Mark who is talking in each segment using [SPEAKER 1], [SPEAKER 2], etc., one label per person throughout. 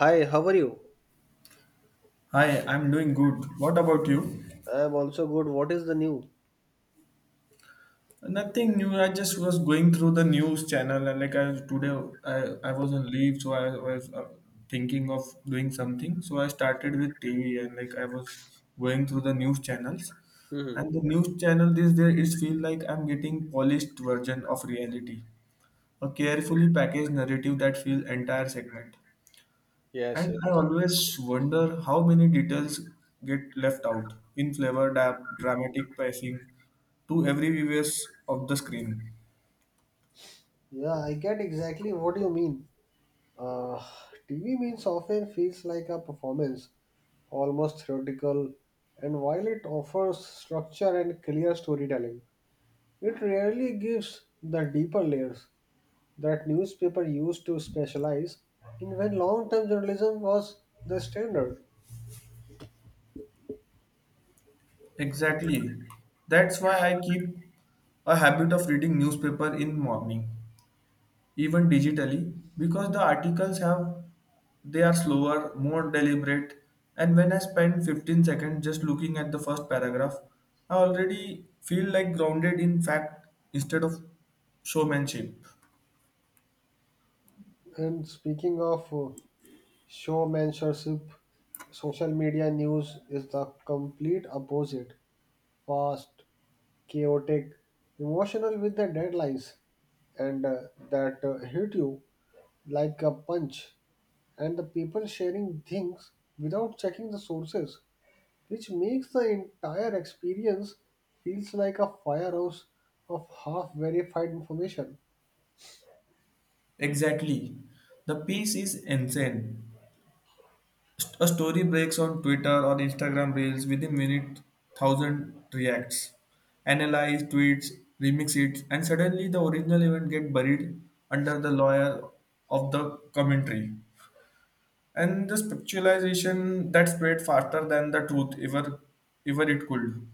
[SPEAKER 1] Hi, how are you?
[SPEAKER 2] Hi, I'm doing good. What about you?
[SPEAKER 1] I'm also good. What is the new?
[SPEAKER 2] Nothing new. I just was going through the news channel and like today I was on leave, so I was thinking of doing something. So I started with TV and like I was going through the news channels.
[SPEAKER 1] hmm
[SPEAKER 2] And the news channel these days it feel like I'm getting polished version of reality, a carefully packaged narrative that feels entire segment.
[SPEAKER 1] Yes,
[SPEAKER 2] And
[SPEAKER 1] yes.
[SPEAKER 2] I always wonder how many details get left out in flavor dramatic pricing to every viewers of the screen.
[SPEAKER 1] Yeah, I get exactly what you mean. Uh, TV means often feels like a performance, almost theoretical, and while it offers structure and clear storytelling, it rarely gives the deeper layers that newspaper used to specialize in when long-term journalism was the standard.
[SPEAKER 2] Exactly. That's why I keep a habit of reading newspaper in morning, even digitally, because the articles have they are slower, more deliberate, and when I spend 15 seconds just looking at the first paragraph, I already feel like grounded in fact instead of showmanship.
[SPEAKER 1] And speaking of showmanship, social media news is the complete opposite. Fast, chaotic, emotional with the deadlines, and that hit you like a punch. And the people sharing things without checking the sources, which makes the entire experience feels like a firehouse of half verified information.
[SPEAKER 2] Exactly. The piece is insane. A story breaks on Twitter or Instagram Reels within minutes, thousand reacts, analyze tweets, remix it, and suddenly the original event get buried under the layer of the commentary. And the spiritualization that spread faster than the truth ever it could.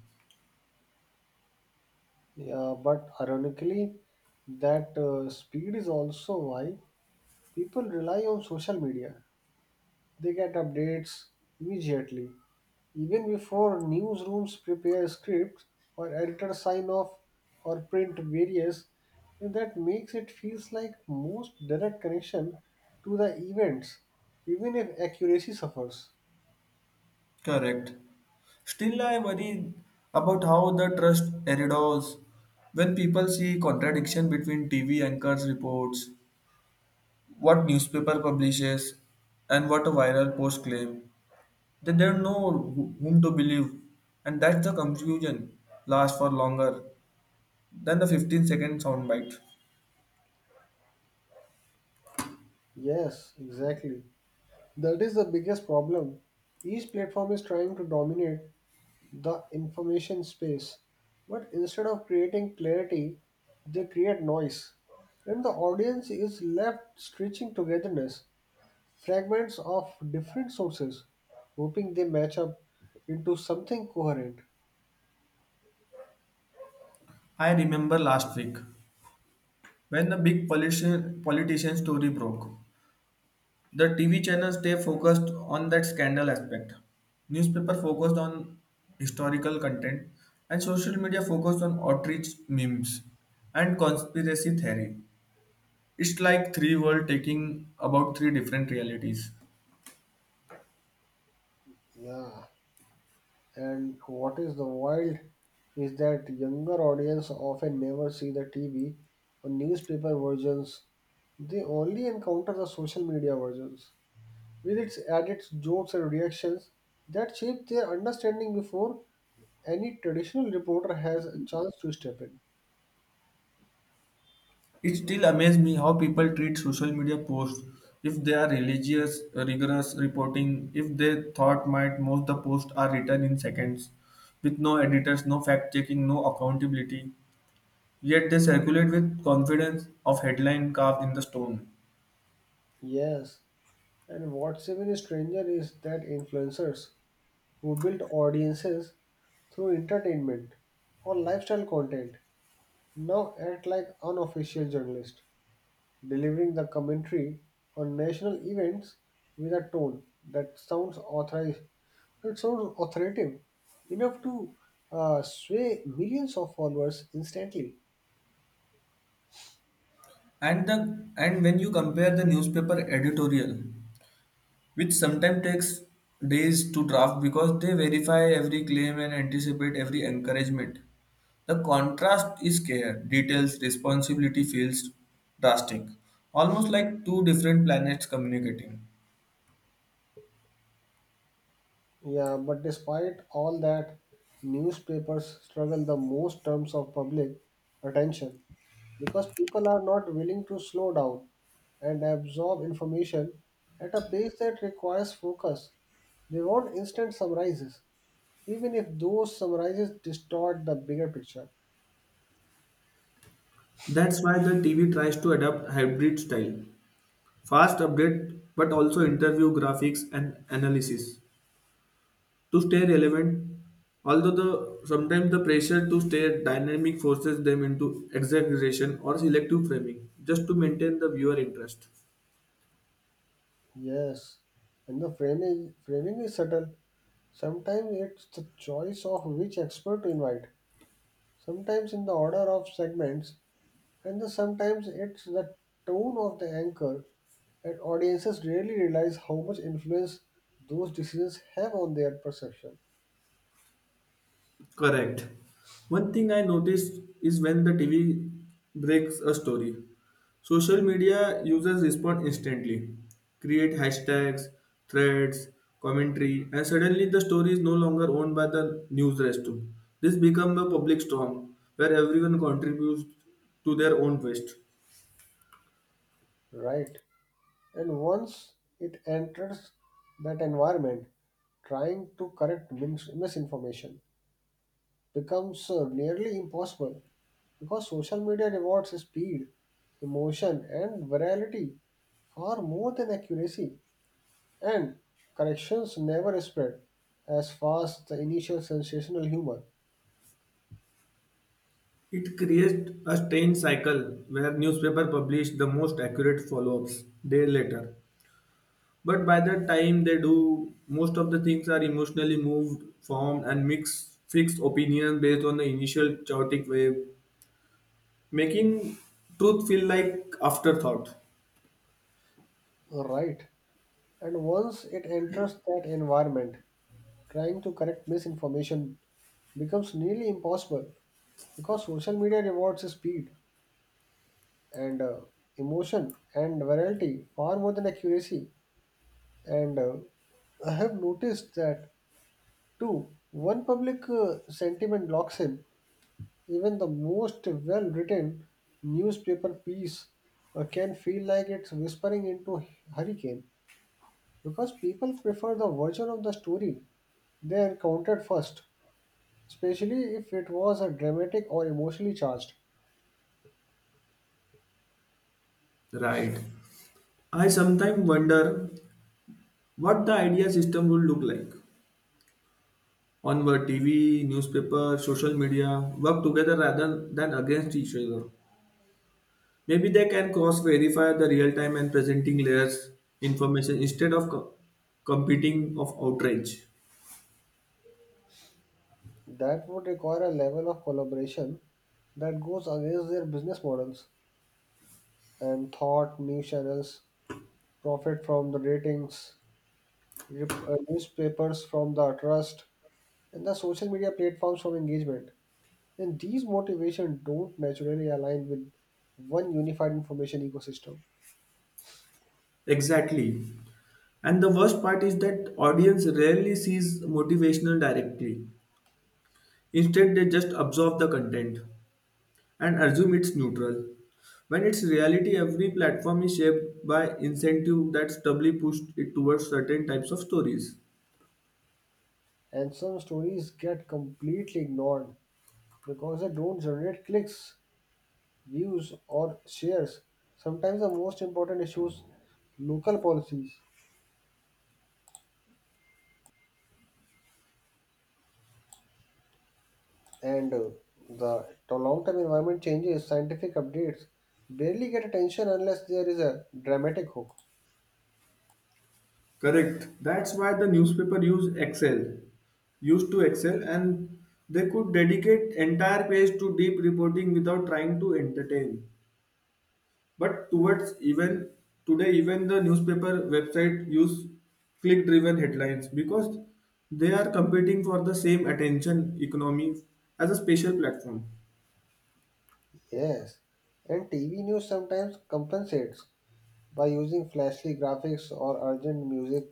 [SPEAKER 1] Yeah, but ironically, that speed is also why people rely on social media. They get updates immediately, even before newsrooms prepare scripts or editors sign off or print various. And that makes it feels like most direct connection to the events, even if accuracy suffers.
[SPEAKER 2] Correct. Still, I worry about how the trust erodes when people see contradiction between TV anchors' reports, what newspaper publishes, and what a viral post claim. They don't know whom to believe, and that's the confusion lasts for longer than the 15-second soundbite.
[SPEAKER 1] Yes, exactly. That is the biggest problem. Each platform is trying to dominate the information space. But instead of creating clarity, they create noise. And the audience is left stitching togetherness, fragments of different sources, hoping they match up into something coherent.
[SPEAKER 2] I remember last week when the big politician story broke. The TV channels stay focused on that scandal aspect. Newspaper focused on historical content, and social media focused on outrage memes and conspiracy theory. It's like three world taking about three different realities.
[SPEAKER 1] Yeah, and what is the wild is that younger audience often never see the TV or newspaper versions. They only encounter the social media versions with its added jokes and reactions that shape their understanding before any traditional reporter has a chance to step in.
[SPEAKER 2] It still amazes me how people treat social media posts if they are religious, rigorous reporting, if they thought might most the posts are written in seconds with no editors, no fact checking, no accountability. Yet they circulate with confidence of headline carved in the stone.
[SPEAKER 1] Yes, and what's even stranger is that influencers who build audiences through entertainment or lifestyle content now act like unofficial journalists delivering the commentary on national events with a tone that sounds authorized, that sounds authoritative enough to sway millions of followers instantly.
[SPEAKER 2] And when you compare the newspaper editorial, which sometimes takes days to draft because they verify every claim and anticipate every encouragement, the contrast is care, details, responsibility feels drastic, almost like two different planets communicating.
[SPEAKER 1] Yeah, but despite all that, newspapers struggle the most terms of public attention because people are not willing to slow down and absorb information at a pace that requires focus. They want instant summarizes even if those summarizes distort the bigger picture.
[SPEAKER 2] That's why the TV tries to adapt hybrid style, fast update but also interview graphics and analysis to stay relevant, although the sometimes the pressure to stay dynamic forces them into exaggeration or selective framing just to maintain the viewer interest.
[SPEAKER 1] Yes, and the framing is subtle. Sometimes it's the choice of which expert to invite, sometimes in the order of segments, and sometimes it's the tone of the anchor. And audiences rarely realize how much influence those decisions have on their perception.
[SPEAKER 2] Correct. One thing I noticed is when the TV breaks a story, social media users respond instantly, create hashtags, threads, commentary, and suddenly the story is no longer owned by the news restroom. This becomes a public storm where everyone contributes to their own waste.
[SPEAKER 1] Right, and once it enters that environment, trying to correct misinformation becomes nearly impossible because social media rewards speed, emotion, and virality far more than accuracy, and corrections never spread as fast the initial sensational humor.
[SPEAKER 2] It creates a strange cycle where newspaper publish the most accurate follow-ups day later. But by the time they do, most of the things are emotionally moved, formed, and mixed, fixed opinions based on the initial chaotic wave, making truth feel like afterthought.
[SPEAKER 1] Right. And once it enters that environment, trying to correct misinformation becomes nearly impossible because social media rewards speed and emotion and virality far more than accuracy. And I have noticed that too. One public sentiment locks in. Even the most well written newspaper piece can feel like it's whispering into hurricane because people prefer the version of the story they encountered first, especially if it was a dramatic or emotionally charged.
[SPEAKER 2] Right. I sometimes wonder what the idea system would look like on where TV, newspaper, social media work together rather than against each other. Maybe they can cross-verify the real-time and presenting layers information instead of competing of outrage.
[SPEAKER 1] That would require a level of collaboration that goes against their business models and thought news channels profit from the ratings newspapers from the trust, and the social media platforms from engagement. And these motivations don't naturally align with one unified information ecosystem.
[SPEAKER 2] Exactly. And the worst part is that audience rarely sees motivational directly. Instead, they just absorb the content and assume it's neutral. When it's reality, every platform is shaped by incentive that's doubly pushed it towards certain types of stories.
[SPEAKER 1] And some stories get completely ignored because they don't generate clicks, views, or shares. Sometimes the most important issues, local policies, and the to long-term environment changes, scientific updates barely get attention unless there is a dramatic hook.
[SPEAKER 2] Correct. That's why the newspaper used to Excel, and they could dedicate entire page to deep reporting without trying to entertain. But towards even today, even the newspaper website use click-driven headlines because they are competing for the same attention economy as a special platform.
[SPEAKER 1] Yes, and TV news sometimes compensates by using flashy graphics or urgent music.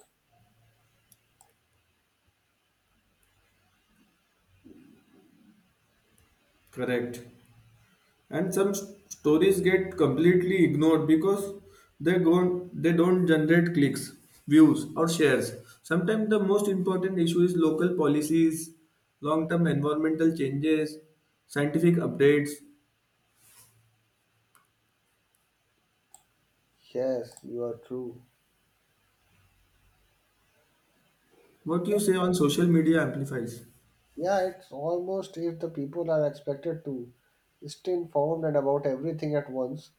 [SPEAKER 2] Correct. And some stories get completely ignored because they don't generate clicks, views, or shares. Sometimes the most important issue is local policies, long term environmental changes, scientific updates,
[SPEAKER 1] Yes, you are true.
[SPEAKER 2] what you say on social media amplifies.
[SPEAKER 1] Yeah, it's almost if the people are expected to stay informed and about everything at once.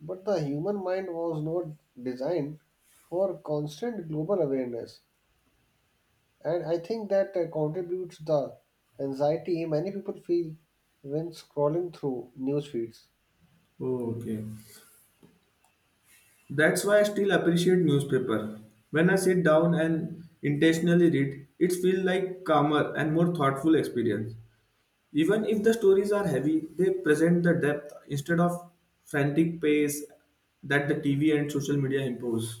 [SPEAKER 1] But the human mind was not designed for constant global awareness, and I think that contributes the anxiety many people feel when scrolling through news feeds.
[SPEAKER 2] Oh, okay. That's why I still appreciate newspaper. When I sit down and intentionally read, it feels like calmer and more thoughtful experience. Even if the stories are heavy, they present the depth instead of frantic pace that the TV and social media impose.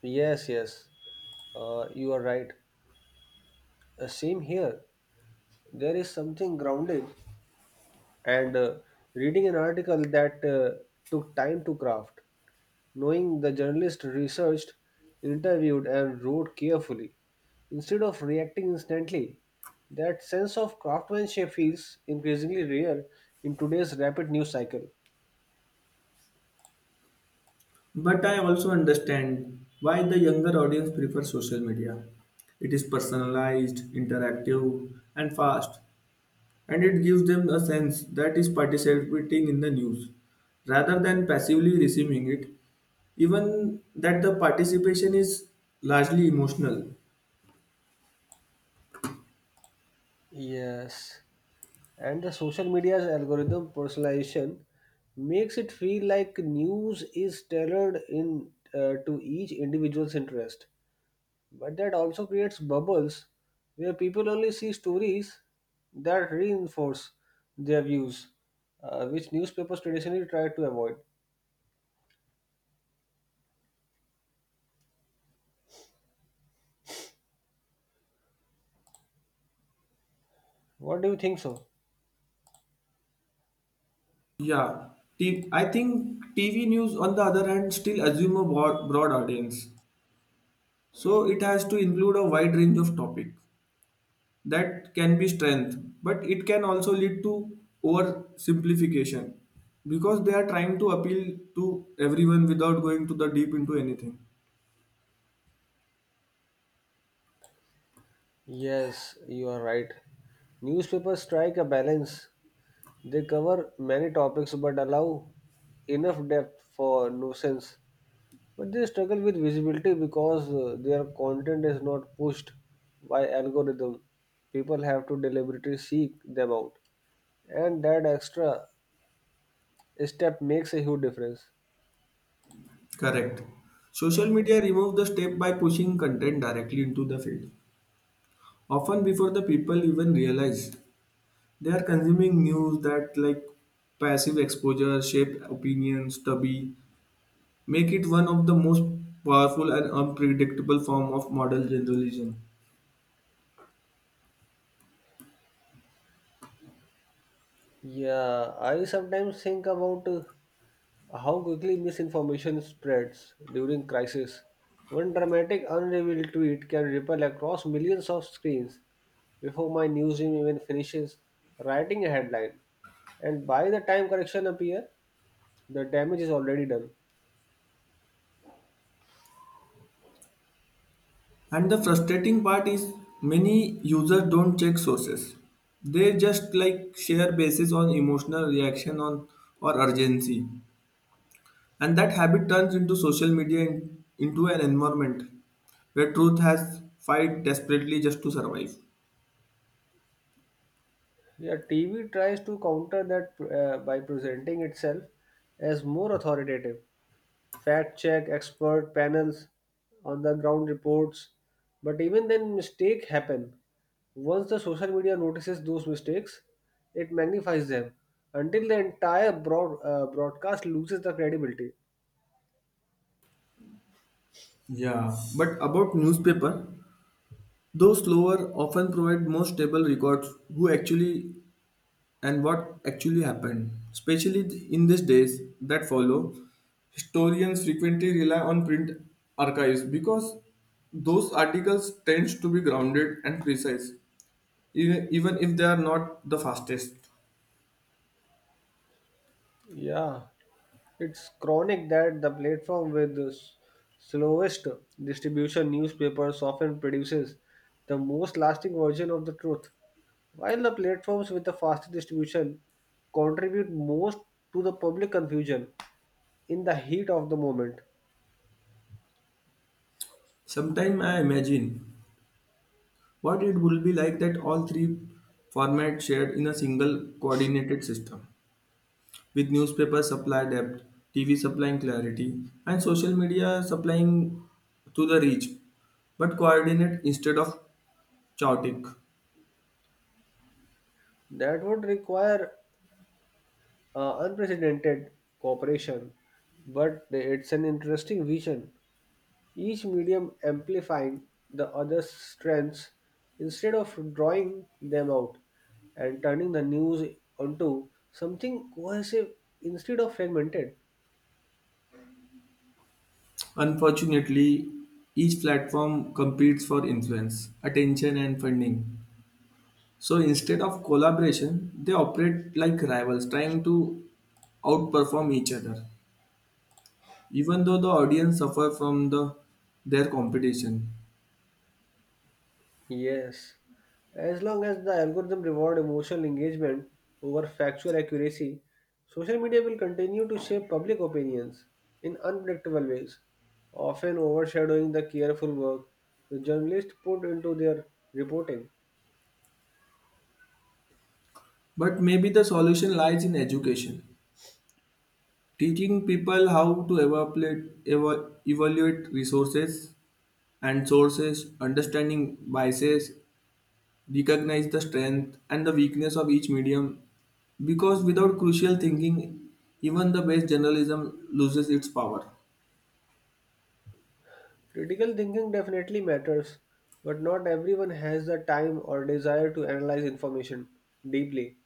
[SPEAKER 1] Yes, yes, you are right. Same here. There is something grounding and reading an article that took time to craft, knowing the journalist researched, interviewed, and wrote carefully instead of reacting instantly. That sense of craftsmanship feels increasingly rare in today's rapid news cycle.
[SPEAKER 2] But I also understand why the younger audience prefers social media. It is personalized, interactive, and fast, and it gives them a sense that is participating in the news rather than passively receiving it, even that the participation is largely emotional.
[SPEAKER 1] Yes, and the social media's algorithm personalization makes it feel like news is tailored in to each individual's interest. But that also creates bubbles where people only see stories that reinforce their views, which newspapers traditionally try to avoid. What do you think so?
[SPEAKER 2] Yeah, I think TV news, on the other hand, still assume a broad audience. So it has to include a wide range of topic. That can be strength, but it can also lead to oversimplification because they are trying to appeal to everyone without going to the deep into anything.
[SPEAKER 1] Yes, you are right. Newspapers strike a balance. They cover many topics but allow enough depth for nuisance. But they struggle with visibility because their content is not pushed by algorithm. People have to deliberately seek them out. And that extra step makes a huge difference.
[SPEAKER 2] Correct. Social media remove the step by pushing content directly into the field, often before the people even realize they are consuming news, that like passive exposure shape opinions to be make it one of the most powerful and unpredictable form of modern journalism.
[SPEAKER 1] Yeah, I sometimes think about how quickly misinformation spreads during crisis. One dramatic, unrevealed tweet can ripple across millions of screens before my newsroom even finishes writing a headline. And by the time correction appear, the damage is already done.
[SPEAKER 2] And the frustrating part is many users don't check sources, they just like share basis on emotional reaction on or urgency, and that habit turns into social media into an environment where truth has fight desperately just to survive.
[SPEAKER 1] Yeah, TV tries to counter that by presenting itself as more authoritative fact check expert panels on the ground reports, but even then mistakes happen once the social media notices those mistakes it magnifies them until the entire broadcast loses the credibility.
[SPEAKER 2] Yeah, but about newspaper, though slower, often provide more stable records who actually and what actually happened. Especially in these days that follow, historians frequently rely on print archives because those articles tend to be grounded and precise, even if they are not the fastest.
[SPEAKER 1] Yeah, it's chronic that the platform with the slowest distribution newspapers often produces the most lasting version of the truth, while the platforms with the fastest distribution contribute most to the public confusion in the heat of the moment.
[SPEAKER 2] Sometimes I imagine what it would be like that all three formats shared in a single coordinated system, with newspaper supply depth, TV supplying clarity, and social media supplying to the reach, but coordinate instead of chaotic.
[SPEAKER 1] That would require unprecedented cooperation, but it's an interesting vision. Each medium amplifying the other's strengths instead of drawing them out and turning the news onto something cohesive instead of fragmented.
[SPEAKER 2] Unfortunately, each platform competes for influence, attention, and funding. So instead of collaboration, they operate like rivals trying to outperform each other, even though the audience suffer from their competition.
[SPEAKER 1] Yes, as long as the algorithm reward emotional engagement over factual accuracy, social media will continue to shape public opinions in unpredictable ways, often overshadowing the careful work the journalists put into their reporting.
[SPEAKER 2] But maybe the solution lies in education. Teaching people how to evaluate resources and sources, understanding biases, recognize the strength and the weakness of each medium. Because without crucial thinking, even the best journalism loses its power.
[SPEAKER 1] Critical thinking definitely matters, but not everyone has the time or desire to analyze information deeply.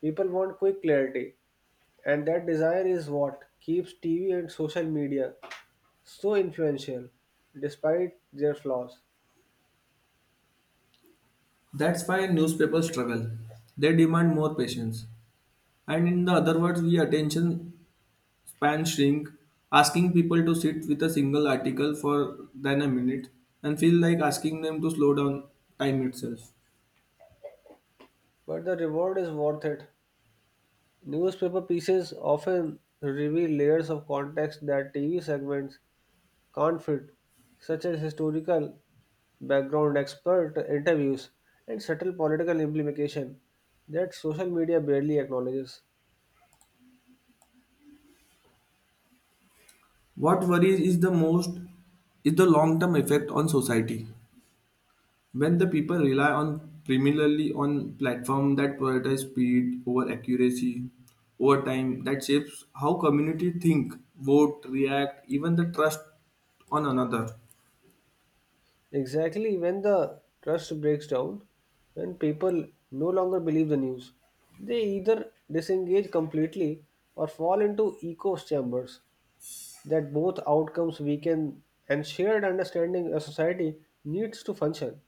[SPEAKER 1] People want quick clarity, and that desire is what keeps TV and social media so influential, despite their flaws.
[SPEAKER 2] That's why newspapers struggle. They demand more patience. And in the other words, we attention span shrink, asking people to sit with a single article for than a minute and feel like asking them to slow down time itself.
[SPEAKER 1] But the reward is worth it. Newspaper pieces often reveal layers of context that TV segments conflict, such as historical background, expert interviews, and subtle political implication that social media barely acknowledges.
[SPEAKER 2] What worries is the most is the long term effect on society. When the people rely on primarily on platform that prioritize speed over accuracy over time, that shapes how community think, vote, react, even the trust on another.
[SPEAKER 1] Exactly when the trust breaks down, when people no longer believe the news, they either disengage completely or fall into echo chambers. That both outcomes weaken and shared understanding a society needs to function.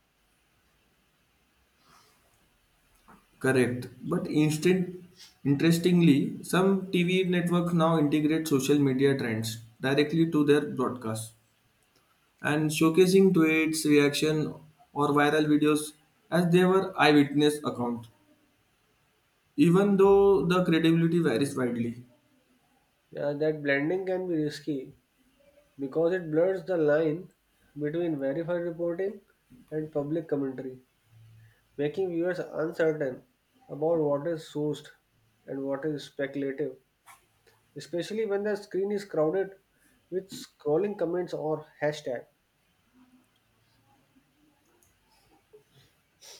[SPEAKER 2] Correct. But instead, interestingly, some TV networks now integrate social media trends directly to their broadcasts and showcasing tweets, reaction, or viral videos as they were eyewitness account, even though the credibility varies widely.
[SPEAKER 1] Yeah, that blending can be risky because it blurs the line between verified reporting and public commentary, making viewers uncertain about what is sourced and what is speculative, especially when the screen is crowded with scrolling comments or hashtag.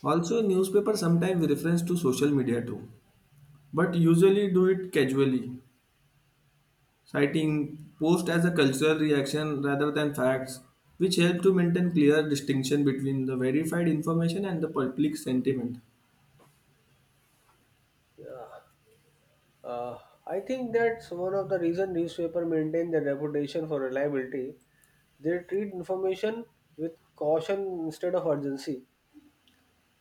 [SPEAKER 2] Also, newspaper sometimes reference to social media too, but usually do it casually citing post as a cultural reaction rather than facts, which help to maintain clear distinction between the verified information and the public sentiment.
[SPEAKER 1] Uh, I think that's one of the reasons newspaper maintain their reputation for reliability. They treat information with caution instead of urgency.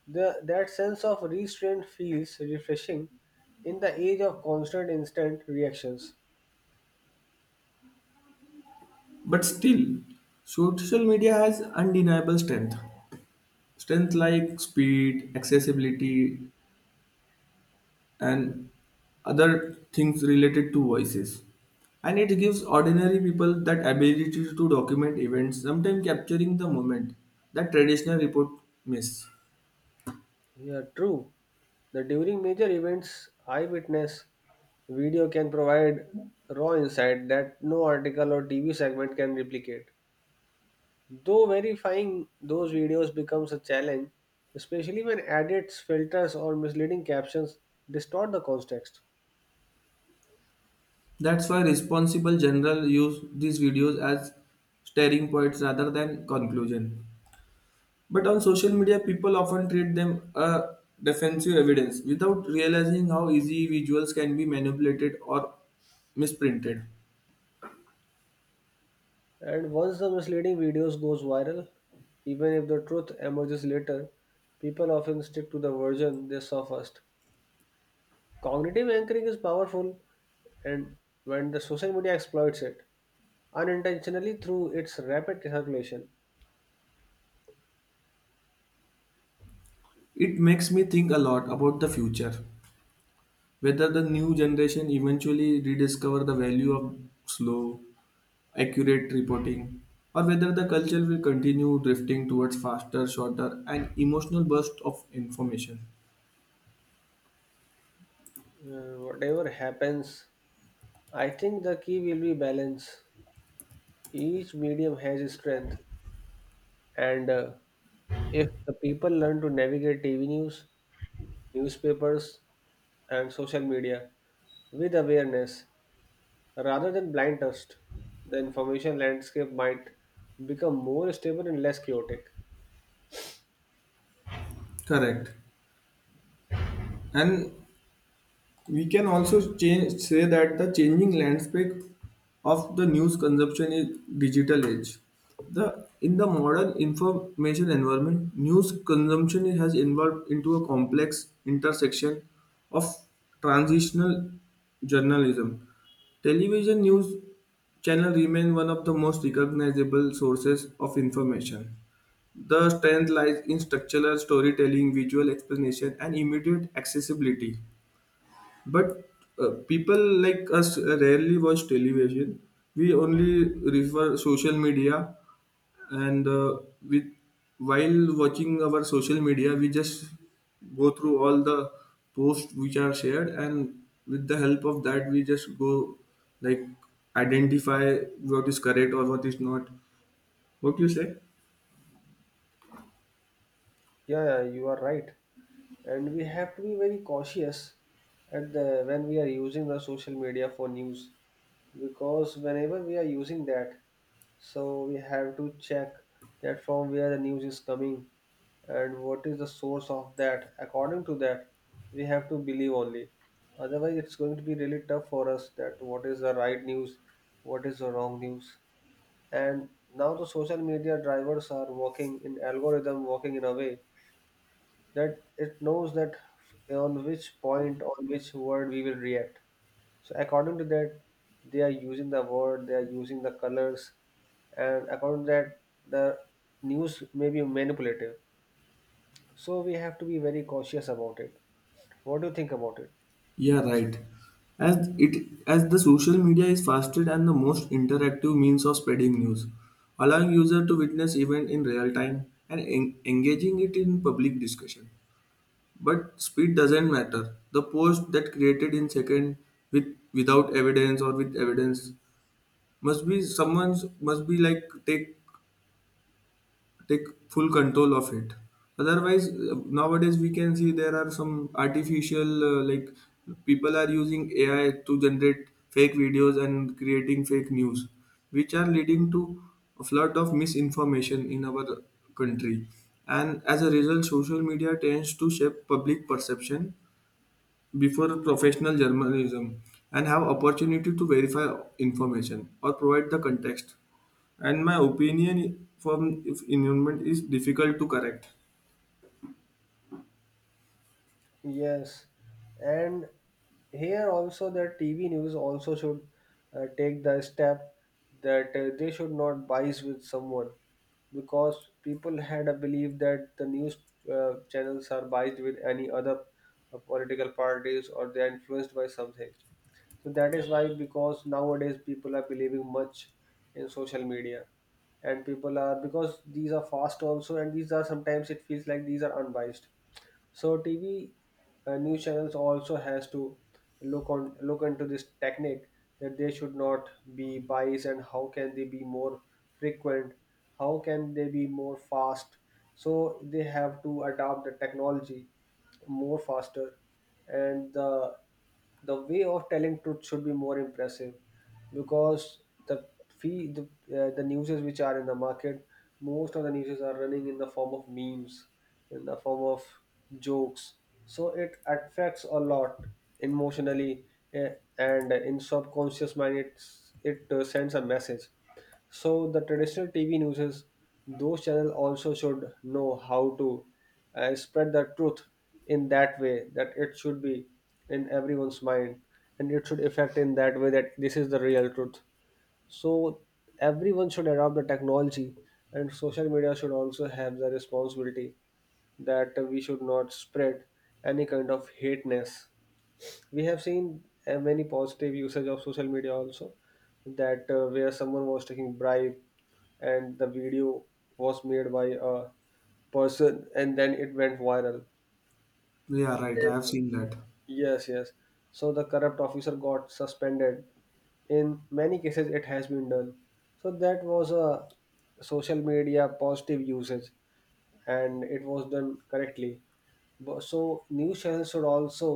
[SPEAKER 1] The, that sense of restraint feels refreshing in the age of constant instant reactions.
[SPEAKER 2] But still, social media has undeniable strength. Strength like speed, accessibility, and other things related to voices. And it gives ordinary people that ability to document events, sometimes capturing the moment that traditional report miss.
[SPEAKER 1] Yeah, true. The During major events, eyewitness video can provide raw insight that no article or TV segment can replicate. Though verifying those videos becomes a challenge, especially when edits, filters, or misleading captions distort the context.
[SPEAKER 2] That's why responsible general use these videos as staring points rather than conclusion. But on social media, people often treat them a defensive evidence without realizing how easy visuals can be manipulated or misprinted.
[SPEAKER 1] And once the misleading videos goes viral, even if the truth emerges later, people often stick to the version they saw first. Cognitive anchoring is powerful, and when the social media exploits it unintentionally through its rapid circulation.
[SPEAKER 2] It makes me think a lot about the future, whether the new generation eventually rediscover the value of slow, accurate reporting, or whether the culture will continue drifting towards faster, shorter, and emotional bursts of information.
[SPEAKER 1] Whatever happens, I think the key will be balance. Each medium has its strength, and if the people learn to navigate TV news, newspapers, and social media with awareness, rather than blind trust, the information landscape might become more stable and less chaotic.
[SPEAKER 2] Correct. And we can also change say that the changing landscape of the news consumption is digital age. The In the modern information environment, news consumption has evolved into a complex intersection of transitional journalism. Television news channel remain one of the most recognizable sources of information. The strength lies in structural storytelling, visual explanation, and immediate accessibility. But people like us rarely watch television. We only refer social media, and with while watching our social media, we just go through all the posts which are shared, and with the help of that, we just go like identify what is correct or what is not. What you say?
[SPEAKER 1] Yeah, yeah, you are right. And we have to be very cautious at the when we are using the social media for news, because whenever we are using that, so we have to check that from where the news is coming and what is the source of that. According to that, we have to believe only. Otherwise, it's going to be really tough for us that what is the right news, what is the wrong news. And now the social media drivers are working in algorithm, working in a way that it knows that on which point, on which word we will react. So according to that, they are using the word, they are using the colors, and according to that, the news may be manipulative. So we have to be very cautious about it. What do you think about it?
[SPEAKER 2] Yeah, right. As the social media is fastest and the most interactive means of spreading news, allowing user to witness event in real time and engaging it in public discussion. But speed doesn't matter. The post that created in second without evidence or with evidence must be someone's must be like take full control of it, otherwise nowadays we can see there are some artificial like people are using AI to generate fake videos and creating fake news which are leading to a flood of misinformation in our country, and as a result social media tends to shape public perception before professional journalism and have opportunity to verify information or provide the context, and my opinion from if environment is difficult to correct.
[SPEAKER 1] Yes, and here also the TV news also should take the step that they should not bias with someone, because people had a belief that the news channels are biased with any other political parties or they are influenced by something. So that is why, because nowadays people are believing much in social media, and people are, because these are fast also and these are sometimes it feels like these are unbiased, so TV news channels also has to look on look into this technique that they should not be biased and how can they be more frequent, how can they be more fast. So they have to adopt the technology more faster, and the way of telling truth should be more impressive, because the fee the, the newses which are in the market, most of the newses are running in the form of memes, in the form of jokes, so it affects a lot emotionally, eh, and in subconscious mind it sends a message. So the traditional TV newses, those channels also should know how to spread the truth in that way that it should be in everyone's mind and it should affect in that way that this is the real truth. So everyone should adopt the technology and social media should also have the responsibility that we should not spread any kind of hateness. We have seen many positive usage of social media also, that where someone was taking bribe and the video was made by a person and then it went viral.
[SPEAKER 2] Yeah, right. I have seen that.
[SPEAKER 1] Yes, yes. So the corrupt officer got suspended. In many cases, it has been done. So that was a social media positive usage and it was done correctly. So news channels should also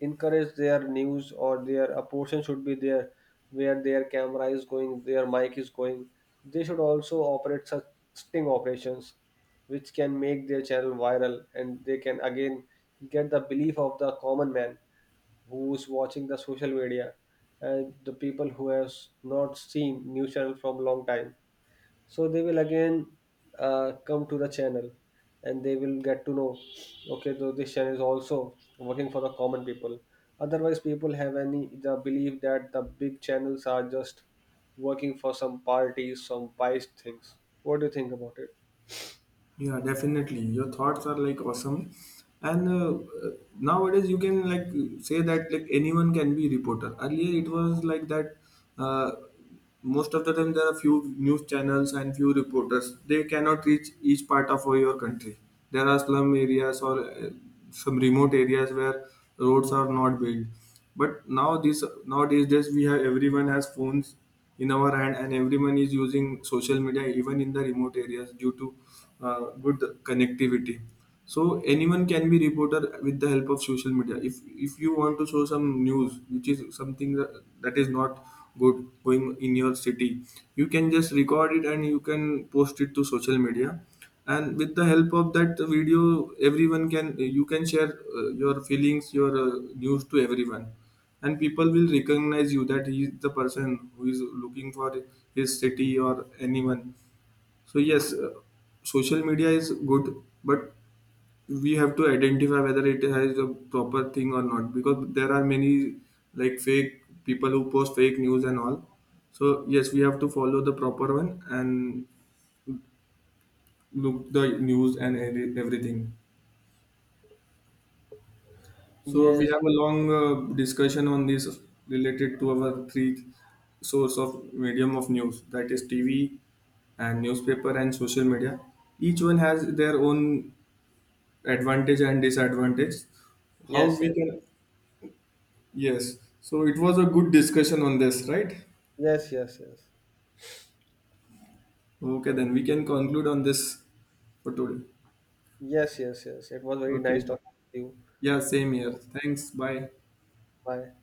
[SPEAKER 1] encourage their news, or their a portion should be there where their camera is going, their mic is going. They should also operate such sting operations which can make their channel viral and they can again get the belief of the common man who is watching the social media, and the people who has not seen news channel from long time, so they will again come to the channel and they will get to know, okay, so this channel is also working for the common people. Otherwise people have any the belief that the big channels are just working for some parties, some pies things. What do you think about it?
[SPEAKER 2] Yeah, definitely. Your thoughts are like awesome, and uh, nowadays you can like say that like anyone can be reporter. Earlier it was like that. Uh, Most of the time there are few news channels and few reporters. They cannot reach each part of your country. There are slum areas or some remote areas where roads are not built. But now this nowadays this we have everyone has phones in our hand and everyone is using social media even in the remote areas due to uh, good connectivity, so anyone can be reporter with the help of social media. If you want to show some news which is something that is not good going in your city, you can just record it and you can post it to social media, and with the help of that video, everyone can you can share your feelings, your news to everyone, and people will recognize you that he is the person who is looking for his city or anyone. So yes, social media is good, but we have to identify whether it has a proper thing or not, because there are many like fake people who post fake news and all. So yes, we have to follow the proper one and look the news and everything. So we
[SPEAKER 1] Yes,
[SPEAKER 2] have a long discussion on this related to our three source of medium of news, that is TV and newspaper and social media. Each one has their own advantage and disadvantage. How
[SPEAKER 1] yes,
[SPEAKER 2] we can. Yes. So it was a good discussion on this, right?
[SPEAKER 1] yes, yes. Yes, yes,
[SPEAKER 2] Okay, then we can conclude on this for today.
[SPEAKER 1] yes, yes, yes it was very nice
[SPEAKER 2] Okay.
[SPEAKER 1] talking to you.
[SPEAKER 2] Yeah, same here.
[SPEAKER 1] Oh,
[SPEAKER 2] Thanks. Bye.
[SPEAKER 1] bye.